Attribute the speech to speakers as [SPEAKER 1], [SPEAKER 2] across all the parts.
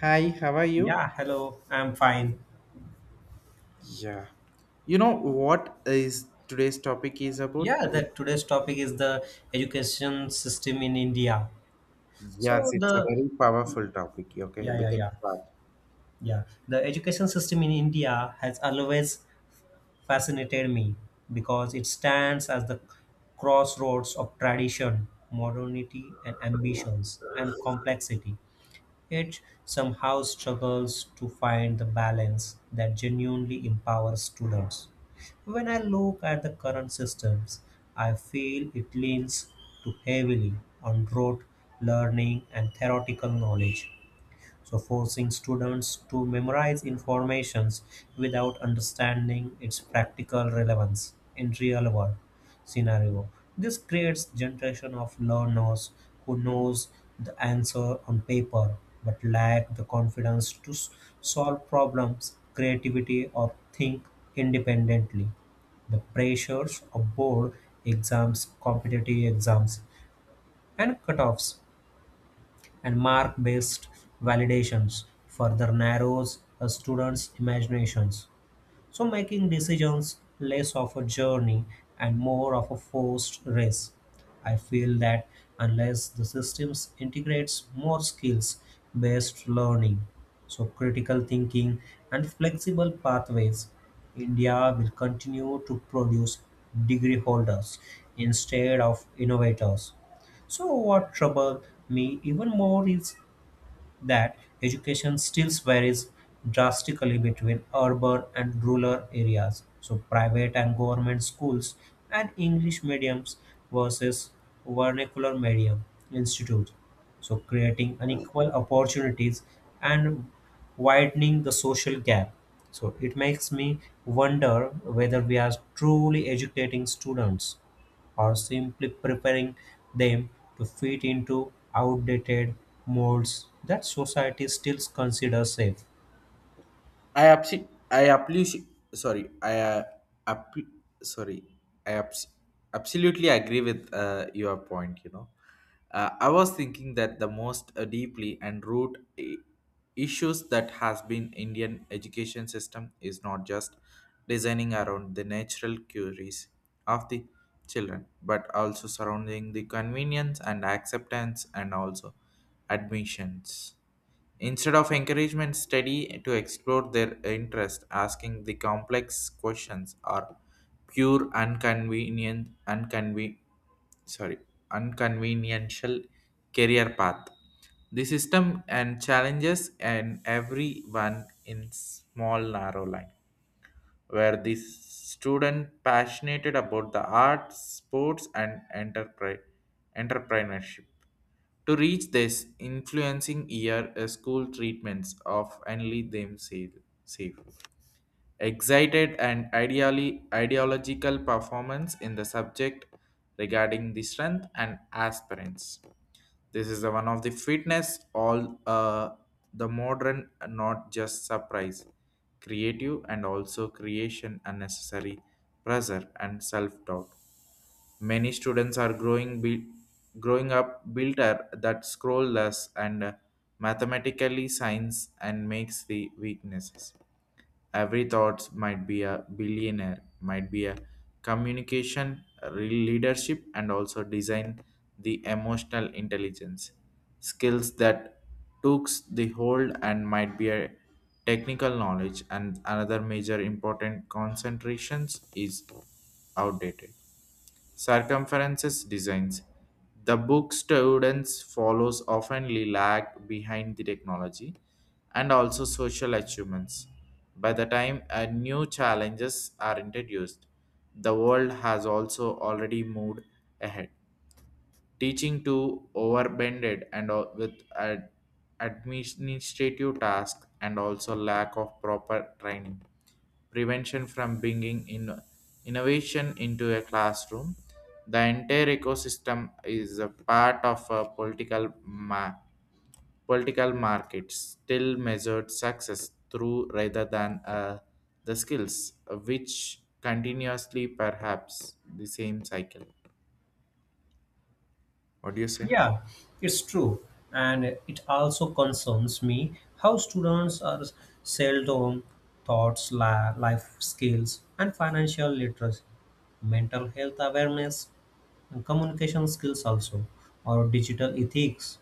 [SPEAKER 1] Hi, how are you?
[SPEAKER 2] Yeah, hello. I'm fine.
[SPEAKER 1] Yeah. You know what is today's topic is about?
[SPEAKER 2] Yeah,
[SPEAKER 1] Uh,
[SPEAKER 2] the today's topic is the education system in India.
[SPEAKER 1] yes,
[SPEAKER 2] So
[SPEAKER 1] it's a
[SPEAKER 2] the
[SPEAKER 1] very powerful topic. Okay,
[SPEAKER 2] yeah,
[SPEAKER 1] we
[SPEAKER 2] yeah,
[SPEAKER 1] can
[SPEAKER 2] yeah,
[SPEAKER 1] start.
[SPEAKER 2] yeah. The education system in India has always fascinated me because it stands as the crossroads of tradition, modernity, and ambitions and complexity. It somehow struggles to find the balance that genuinely empowers students. When I look at the current systems, I feel it leans too heavily on rote learning and theoretical knowledge, so forcing students to memorize informations without understanding its practical relevance in real world scenario. This creates generation of learners who knows the answer on paper but lack the confidence to solve problems, creativity or think independently the pressures of board exams, competitive exams, and cutoffs and mark-based validations further narrows a student's imaginations so making decisions less of a journey and more of a forced race. I feel that unless the systems integrates more skills based learning, so critical thinking and flexible pathways, India will continue to produce degree holders instead of innovators. So what trouble me even more is that education still varies drastically between urban and rural areas. So, private and government schools and English mediums versus vernacular medium institutes. So, creating unequal opportunities and widening the social gap. So, it makes me wonder whether we are truly educating students or simply preparing them to fit into outdated molds that society still considers safe.
[SPEAKER 1] I appreciate. I appreciate. Sorry, appre- sorry. I absolutely agree with your point. You know, I was thinking that the most deeply and root issues that has been Indian education system is not just designing around the natural queries of the children, but also surrounding the convenience and acceptance and also admissions. Instead of encouragement, study to explore their interest, asking the complex questions are pure unconvenient unconven sorry unconventional career path. The system and challenges and everyone in small narrow line where the student passionate about the arts, sports, and entrepreneurship. To reach this, influencing year school treatments of only them safe excited and ideally ideological performance in the subject regarding the strength and aspirants. This is the one of the fitness all the modern not just surprise, creative and also creation unnecessary pressure and self doubt. Many students are growing up builder that scroll less and mathematically signs and makes the weaknesses. Every thought might be a billionaire, might be a communication, leadership, and also design the emotional intelligence skills that takes the hold and might be a technical knowledge and another major important concentrations is outdated circumferences designs. The book students follows often lag behind the technology and also social achievements. By the time new challenges are introduced, the world has also already moved ahead teaching to overbended and with ad- administrative tasks and also lack of proper training prevention from bringing in innovation into a classroom. The entire ecosystem is a part of a political market still measured success through rather than the skills which continuously perhaps the same cycle. What do you say?
[SPEAKER 2] Yeah, it's true. And it also concerns me how students are seldom thoughts, life skills, and financial literacy, mental health awareness, and communication skills also, or digital ethics,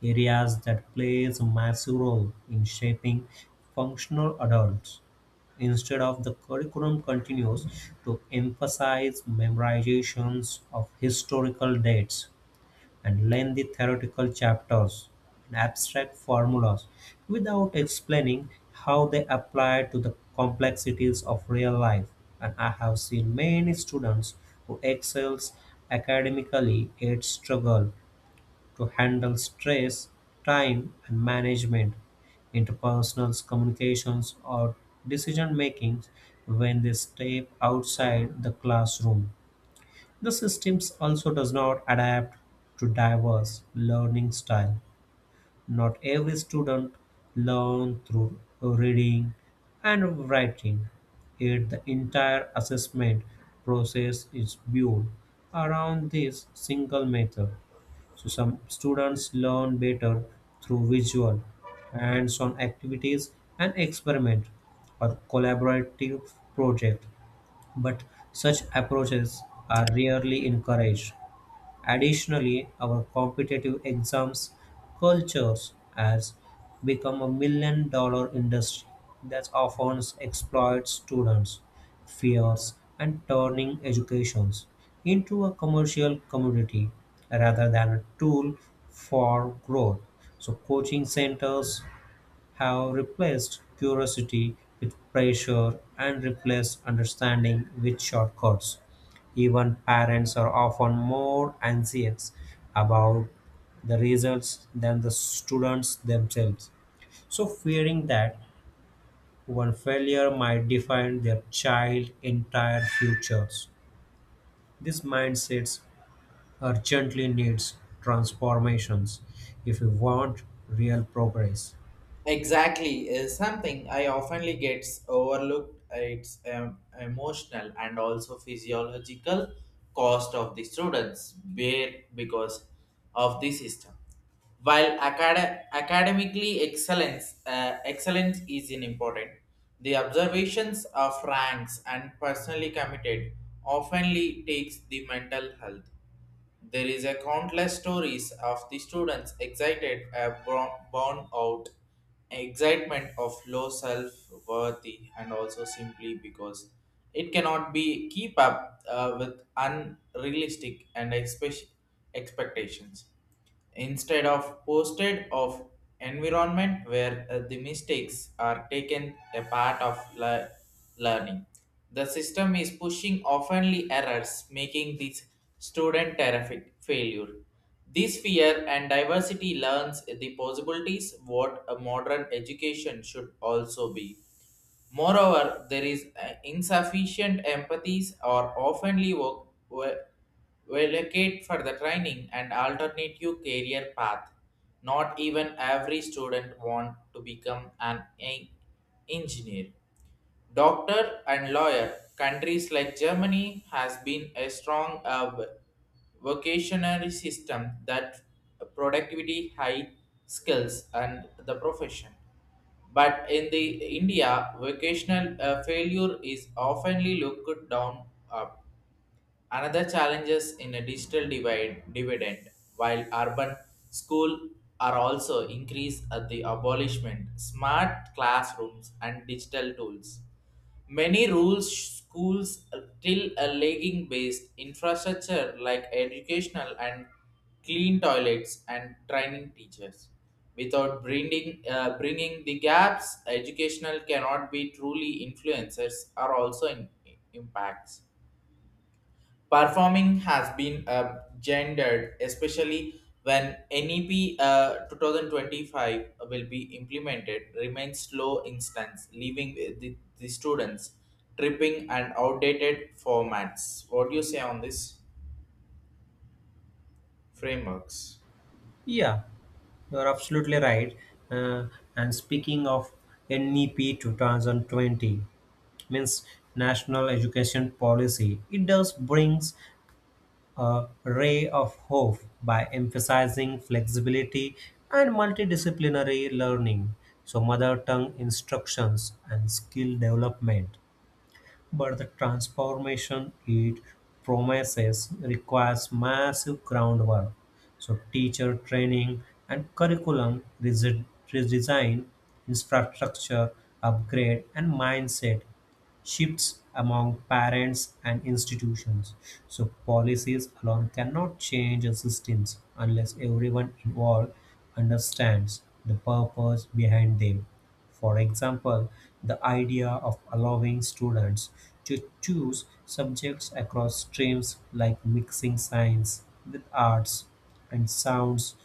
[SPEAKER 2] areas that plays a massive role in shaping functional adults. Instead of the curriculum continues to emphasize memorizations of historical dates and lengthy theoretical chapters and abstract formulas without explaining how they apply to the complexities of real life. And I have seen many students who excels academically yet struggle to handle stress, time, and management, interpersonal communications, or decision making when they step outside the classroom. The systems also does not adapt to diverse learning style. Not every student learn through reading and writing. Yet the entire assessment process is built around this single method. So some students learn better through visual, hands-on activities and experiment or collaborative project, but such approaches are rarely encouraged. Additionally, our competitive exams cultures has become a $1 million industry that often exploits students' fears and turning educations into a commercial commodity rather than a tool for growth. So coaching centers have replaced curiosity with pressure and replaced understanding with shortcuts. Even parents are often more anxious about the results than the students themselves. So, fearing that one failure might define their child's entire futures. This mindset urgently needs transformations if we want real progress.
[SPEAKER 1] Exactly is something I oftenly gets overlooked. It's emotional and also physiological cost of the students bare because of the system. While academically excellence excellence is an important, the observations of ranks and personally committed oftenly takes the mental health. There is a countless stories of the students excited and born out excitement of low self-worth and also simply because it cannot be keep up with unrealistic and expectations instead of posted of environment where the mistakes are taken a part of learning. The system is pushing oftenly errors making this student terrific failure. This fear and diversity learns the possibilities what a modern education should also be. Moreover, there is insufficient empathies or oftenly allocate for the training and alternative career path. Not even every student want to become an engineer, doctor and lawyer. Countries like Germany has been a strong vocationary system that productivity, high skills, and the profession. But in the India, vocational failure is oftenly looked down up. Another challenge is in a digital divide dividend, while urban school are also increased at the abolishment, smart classrooms and digital tools. Many rural schools still a lagging based infrastructure like educational and clean toilets and training teachers. Without bringing the gaps, educational cannot be truly influencers are also in, impacts. Performing has been gendered, especially when NEP 2025 will be implemented, remains slow instance, leaving the students tripping and outdated formats. What do you say on this frameworks?
[SPEAKER 2] Yeah, you're absolutely right. Uh, and speaking of NEP 2020, means National Education Policy, it does brings a ray of hope by emphasizing flexibility and multidisciplinary learning. So mother tongue instructions and skill development but the transformation it promises requires massive groundwork. So, teacher training and curriculum redesign, infrastructure upgrade, and mindset shifts among parents and institutions. So, policies alone cannot change the systems unless everyone involved understands the purpose behind them. For example, the idea of allowing students to choose subjects across streams like mixing science with arts and sounds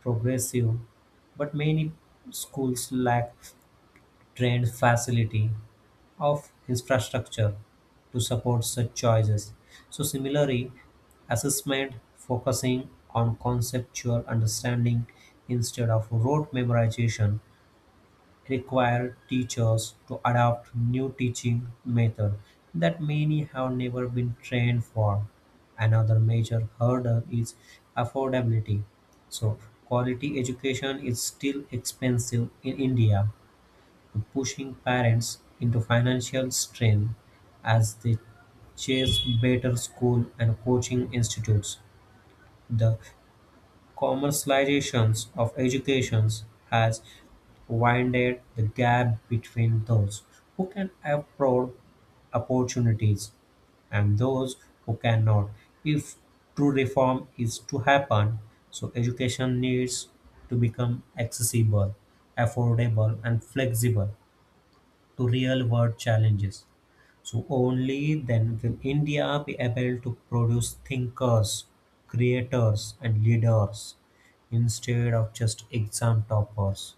[SPEAKER 2] progressive, but many schools lack trained facility of infrastructure to support such choices. So similarly, assessment focusing on conceptual understanding instead of rote memorization require teachers to adopt new teaching methods that many have never been trained for. Another major hurdle is affordability. So, quality education is still expensive in India, pushing parents into financial strain as they chase better school and coaching institutes. The commercialization of education has widened the gap between those who can afford opportunities and those who cannot. If true reform is to happen, so education needs to become accessible, affordable, and flexible to real world challenges. So, only then will India be able to produce thinkers, creators, and leaders instead of just exam toppers.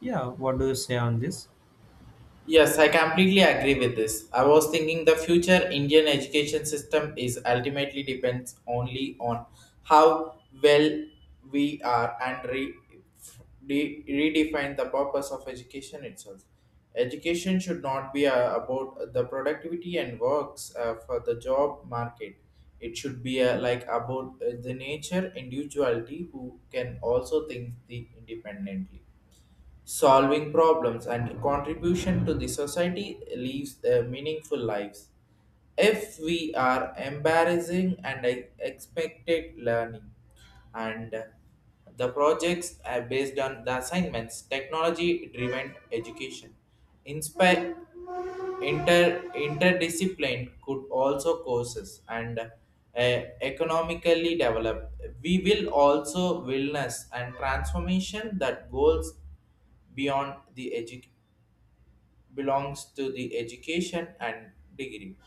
[SPEAKER 2] Yeah, what do you say on this?
[SPEAKER 1] Yes, I completely agree with this. I was thinking the future Indian education system is ultimately depends only on how well we are and redefine the purpose of education itself. Education should not be about the productivity and works for the job market. It should be like about the nature individuality who can also think the independently solving problems and contribution to the society leaves meaningful lives if we are embarrassing and expected learning and the projects are based on the assignments technology driven education inspire interdiscipline could also courses and economically develop we will also wellness and transformation that goals beyond belongs to the education and degree.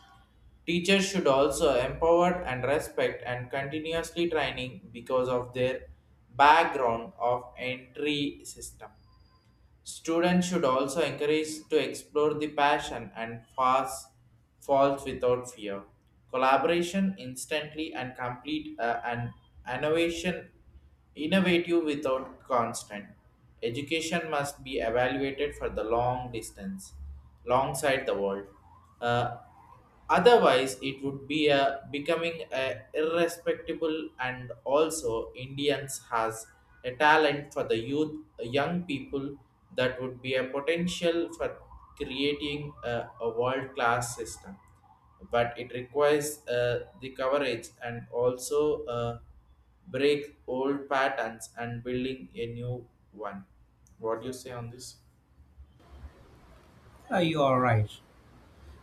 [SPEAKER 1] Teachers should also empower and respect and continuously training because of their background of entry system. Students should also encourage to explore the passion and fast falls without fear. Collaboration instantly and complete and innovation innovative without constant. Education must be evaluated for the long distance, long side the world. Uh, Otherwise, it would be a becoming a irrespectable and also Indians has a talent for the youth, young people that would be a potential for creating a world class system. But it requires the coverage and also break old patterns and building a new one. What do you say on this?
[SPEAKER 2] You are right.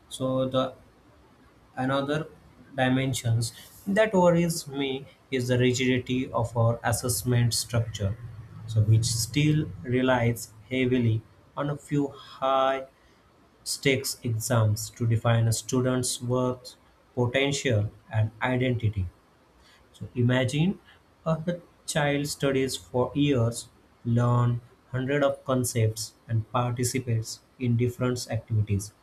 [SPEAKER 2] So the another dimensions that worries me is the rigidity of our assessment structure, so which still relies heavily on a few high stakes exams to define a student's worth, potential, and identity. So imagine a child studies for years, learn hundred of concepts, and participates in different activities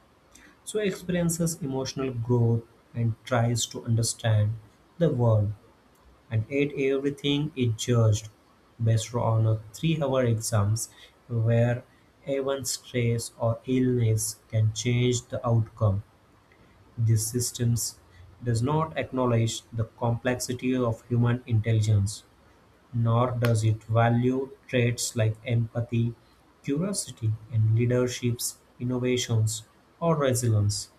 [SPEAKER 2] so experiences emotional growth and tries to understand the world and at everything is judged based on a 3-hour exams where even stress or illness can change the outcome. These systems does not acknowledge the complexity of human intelligence, nor does it value traits like empathy, curiosity, and leadership's innovations or resilience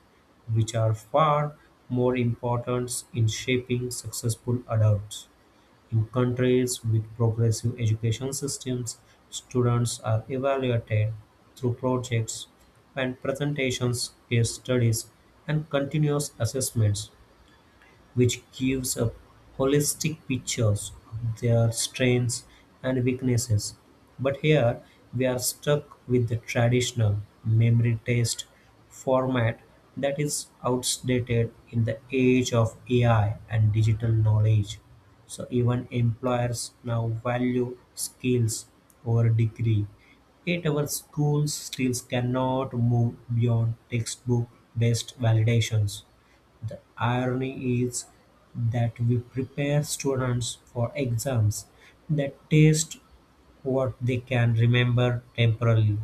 [SPEAKER 2] which are far more important in shaping successful adults. In countries with progressive education systems, students are evaluated through projects and presentations, case studies, and continuous assessments which gives a holistic pictures of their strengths and weaknesses. But here we are stuck with the traditional memory test format that is outdated in the age of AI and digital knowledge. So even employers now value skills over degree. Yet our schools still cannot move beyond textbook based validations. The irony is that we prepare students for exams that test what they can remember temporarily,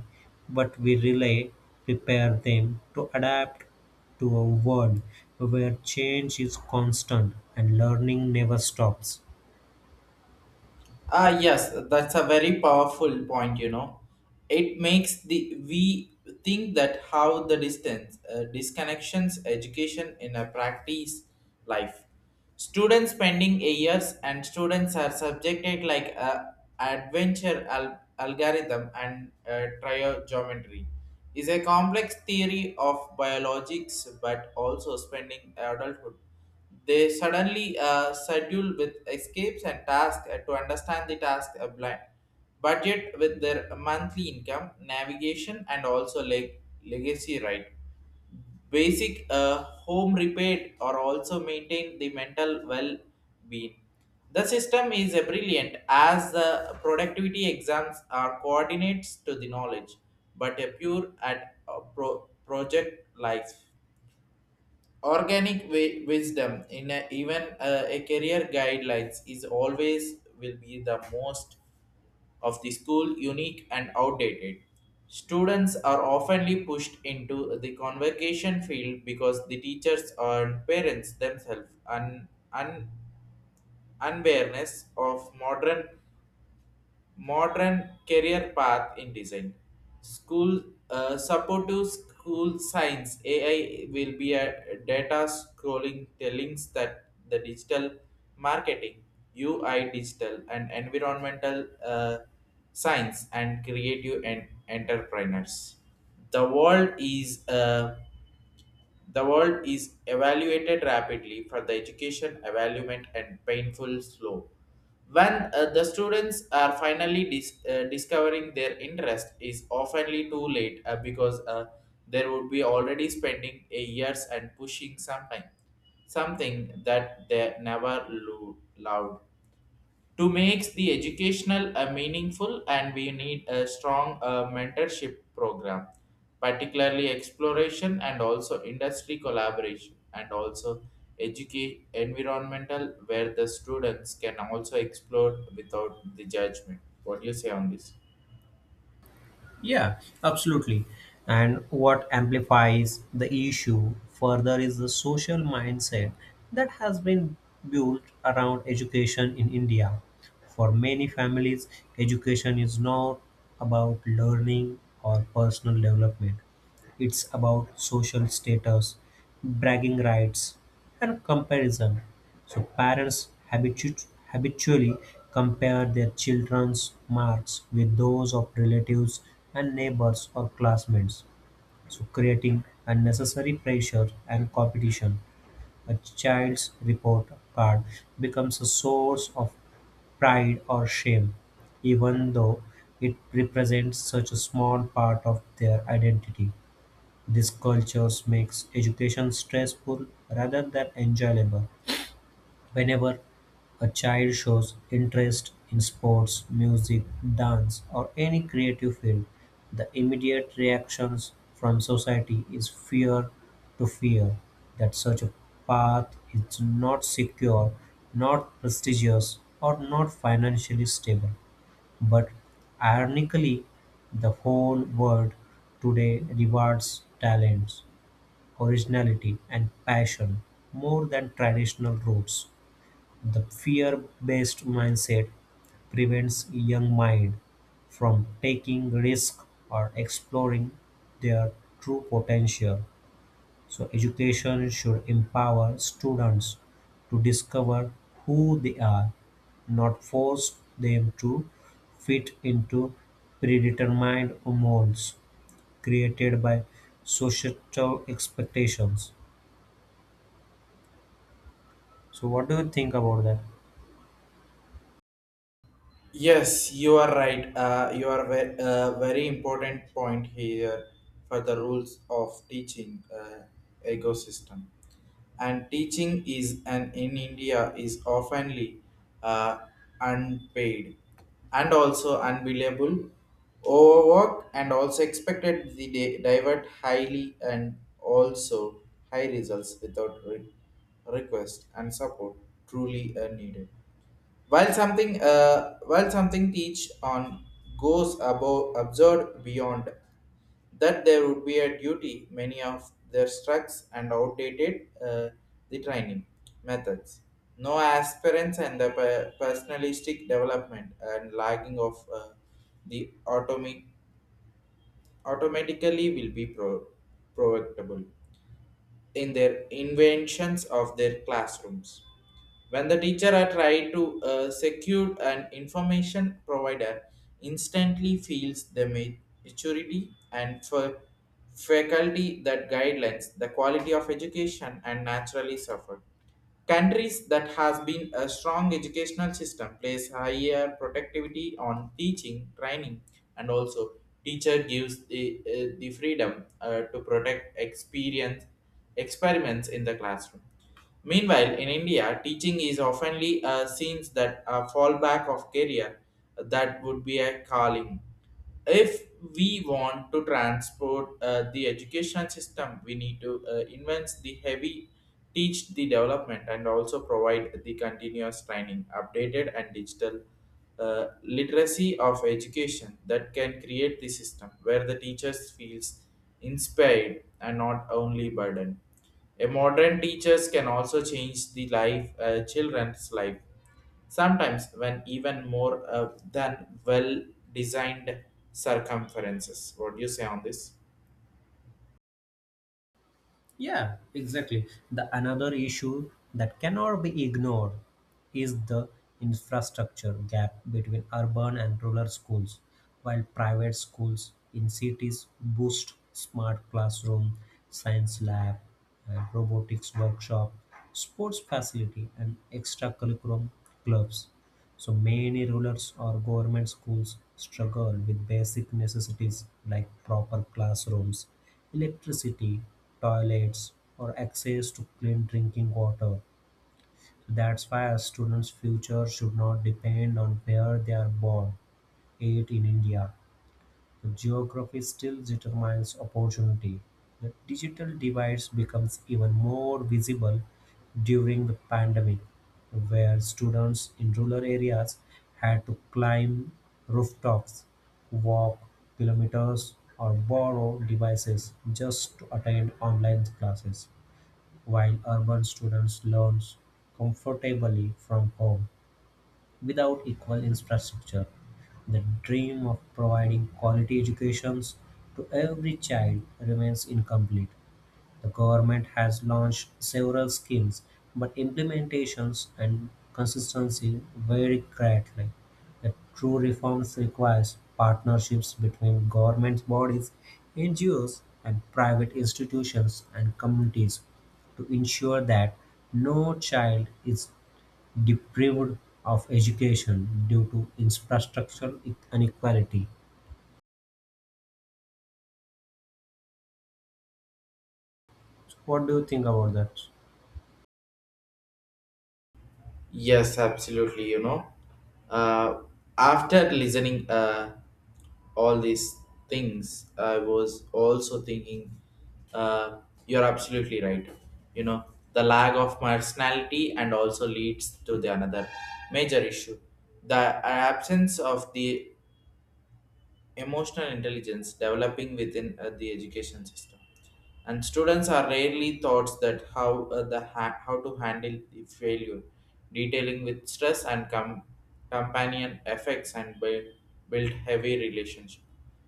[SPEAKER 2] but we really prepare them to adapt to a world where change is constant and learning never stops.
[SPEAKER 1] Ah, yes, that's a very powerful point, you know. It makes the we think that how the distance disconnections education in a practice life. Students spending a years and students are subjected like a adventure algorithm and trigonometry is a complex theory of biologics but also spending adulthood they suddenly schedule with escapes and tasks to understand the task blind. Budget with their monthly income, navigation, and also legacy right. Basic home repair or also maintain the mental well-being. The system is brilliant as the productivity exams are coordinates to the knowledge, but a pure at project life organic wisdom in a, even a career guidelines is always will be the most of the school unique and outdated. Students are oftenly pushed into the convocation field because the teachers and parents themselves and un, un, unwareness of modern career path in design. School support school science AI will be a data scrolling the links that the digital marketing UI digital and environmental science and creative and entrepreneurs. The world is uh, the world is evaluated rapidly for the education evaluation and painful slow. When the students are finally discovering their interest is oftenly too late because there would be already spending a years and pushing something something that they never loved to make the educational meaningful and we need a strong mentorship program particularly exploration and also industry collaboration and also educate environmental where the students can also explore without the judgment. What do you say on this?
[SPEAKER 2] Yeah, absolutely. And what amplifies the issue further is the social mindset that has been built around education in India. For many families, education is not about learning or personal development. It's about social status, bragging rights, and comparison. So parents habitually compare their children's marks with those of relatives and neighbors or classmates, so creating unnecessary pressure and competition. A child's report card becomes a source of pride or shame, even though it represents such a small part of their identity. These cultures makes education stressful rather than enjoyable. Whenever a child shows interest in sports, music, dance, or any creative field, the immediate reactions from society is fear that such a path is not secure, not prestigious, or not financially stable. But ironically, the whole world today rewards talents originality and passion more than traditional routes. The fear-based mindset prevents young mind from taking risk or exploring their true potential. So education should empower students to discover who they are, not force them to fit into predetermined molds created by societal expectations. So what do you think about that?
[SPEAKER 1] Yes, you are right. You are very important point here for the rules of teaching ecosystem. And teaching is an in India is oftenly uh, unpaid and also unbelievable overwork and also expected the divert highly and also high results without request and support truly are needed. While something teach on goes above absurd beyond that there would be a duty many of their structs and outdated the training methods no aspirants and the personalistic development and lagging of the automatically will be provocable in their inventions of their classrooms. When the teacher are tried to secure an information provider, instantly feels the maturity and for faculty that guidelines the quality of education and naturally suffer. Countries that has been a strong educational system place higher productivity on teaching, training, and also teacher gives the freedom to protect experience experiments in the classroom. Meanwhile, in India, teaching is oftenly seen that a fallback of career that would be a calling. If we want to transport the education system we need to invent the heavy teach the development and also provide the continuous training updated and digital literacy of education that can create the system where the teachers feels inspired and not only burdened. A modern teachers can also change the life children's life sometimes when even more than well designed circumferences. What do you say on this?
[SPEAKER 2] Yeah, exactly. The another issue that cannot be ignored is the infrastructure gap between urban and rural schools. While private schools in cities boost smart classroom, science lab, and robotics workshop, sports facility, and extracurriculum clubs, so many rulers or government schools struggle with basic necessities like proper classrooms, electricity, toilets, or access to clean drinking water. That's why a student's future should not depend on where they are born, eight in India. Geography still determines opportunity; the digital divide becomes even more visible during the pandemic, where students in rural areas had to climb rooftops, walk kilometers, or borrow devices just to attend online classes, while urban students learn comfortably from home. Without equal infrastructure, the dream of providing quality educations to every child remains incomplete. The government has launched several schemes, but implementations and consistency vary greatly. The true reforms requires partnerships between government bodies, NGOs, and private institutions and communities to ensure that no child is deprived of education due to infrastructure inequality. So what do you think about that?
[SPEAKER 1] Yes, absolutely. You know, uh, after listening all these things, I was also thinking, uh, you're absolutely right. You know, the lack of personality and also leads to the another major issue, the absence of the emotional intelligence developing within the education system and students are rarely taught that how how to handle the failure detailing with stress and companion effects and build heavy relationship.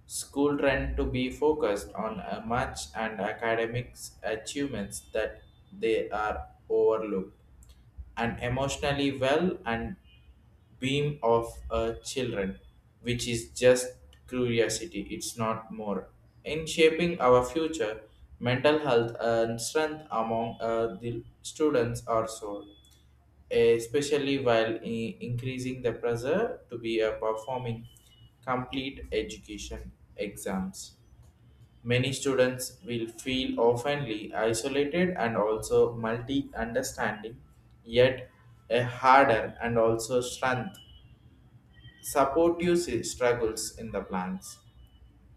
[SPEAKER 1] School trend to be focused on a much and academics achievements that they are overlooked and emotionally well and beam of a children, which is just curiosity, it's not more. In shaping our future, mental health and strength among the students are so, especially while increasing the pressure to be a performing complete education exams. Many students will feel oftenly isolated and also multi understanding, yet a harder and also strength support your struggles in the plans,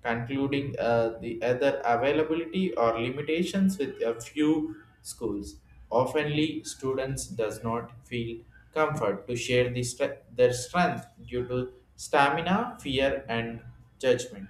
[SPEAKER 1] concluding the other availability or limitations with a few schools. Oftenly, students does not feel comfort to share the their strength due to stamina, fear, and judgment.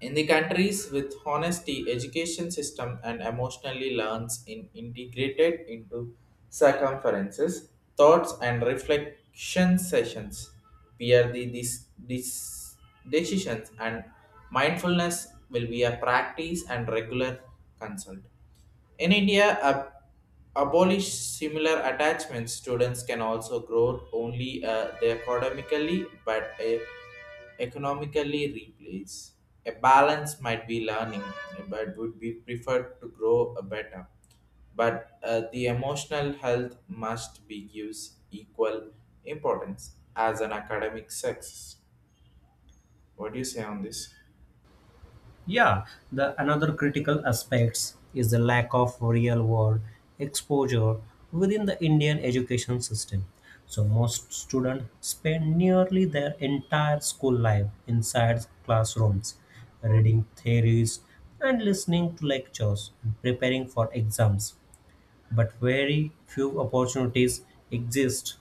[SPEAKER 1] In the countries with honesty, education system and emotionally learns in integrated into circumferences, thoughts and reflection sessions, peer decisions and mindfulness will be a practice and regular consult. In India, abolish similar attachments students can also grow only they academically but economically replace a balance might be learning but would be preferred to grow a better but the emotional health must be gives equal importance as an academic success. What do you say on this?
[SPEAKER 2] Yeah, the another critical aspects is the lack of real world exposure within the Indian education system. So most students spend nearly their entire school life inside classrooms, reading theories and listening to lectures and preparing for exams. But very few opportunities exist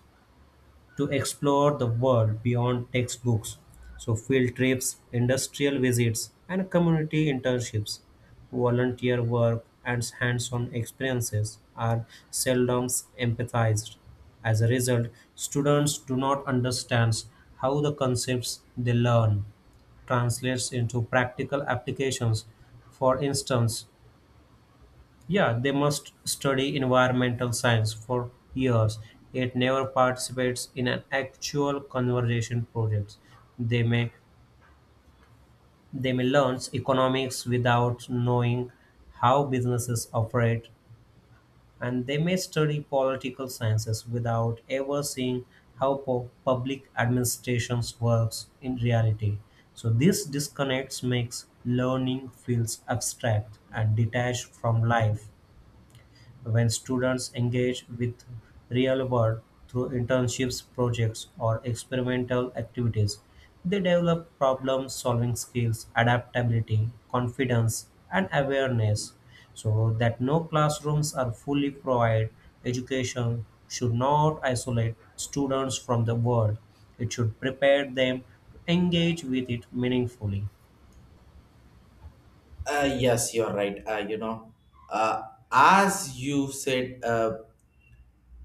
[SPEAKER 2] to explore the world beyond textbooks. So, field trips, industrial visits, and community internships, volunteer work, and hands on experiences are seldom empathized. As a result, students do not understand how the concepts they learn translates into practical applications. For instance, yeah, they must study environmental science for years, yet never participates in an actual conservation project. They may they may learn economics without knowing how businesses operate, and they may study political sciences without ever seeing how public administrations works in reality. So this disconnects makes learning feels abstract and detached from life. When students engage with real-world through internships, projects, or experimental activities, they develop problem-solving skills, adaptability, confidence, and awareness. So that no classrooms are fully provide education should not isolate students from the world. It should prepare them to engage with it meaningfully.
[SPEAKER 1] Yes, you're right. You know, uh, as you said uh,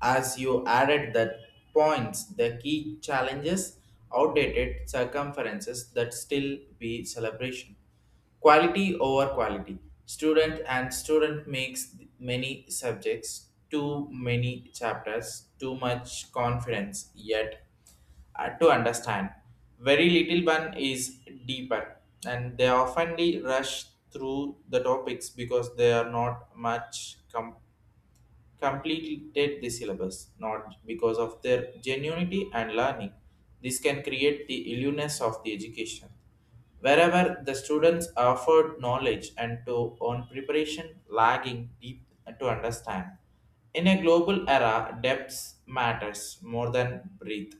[SPEAKER 1] as you added that points, the key challenges, outdated circumferences that still be celebration. Quality over quality. Student and student makes many subjects, too many chapters, too much confidence, yet to understand. Very little one is deeper, and they often rush through the topics because they are not much completed the syllabus, not because of their genuinity and learning. This can create the illness of the education. Wherever the students offered knowledge and to on preparation lagging deep to understand. In a global era, depths matters more than breadth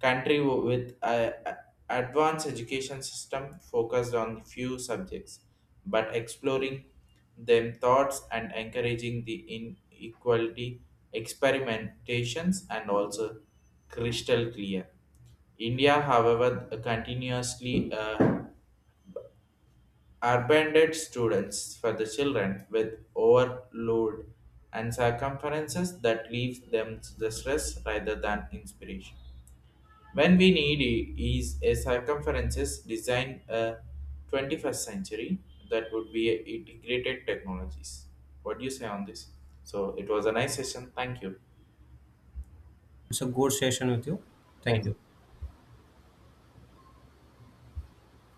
[SPEAKER 1] country with a a- advanced education system focused on few subjects but exploring them thoughts and encouraging the inequality experimentations and also crystal clear. India, however, continuously abandoned students for the children with overload and circumferences that leaves them to the stress rather than inspiration. When we need is a circumferences design a 21st century that would be a integrated technologies. What do you say on this? So it was a nice session. Thank you.
[SPEAKER 2] It's a good session with you.
[SPEAKER 1] Thank
[SPEAKER 2] Thank you.
[SPEAKER 1] you.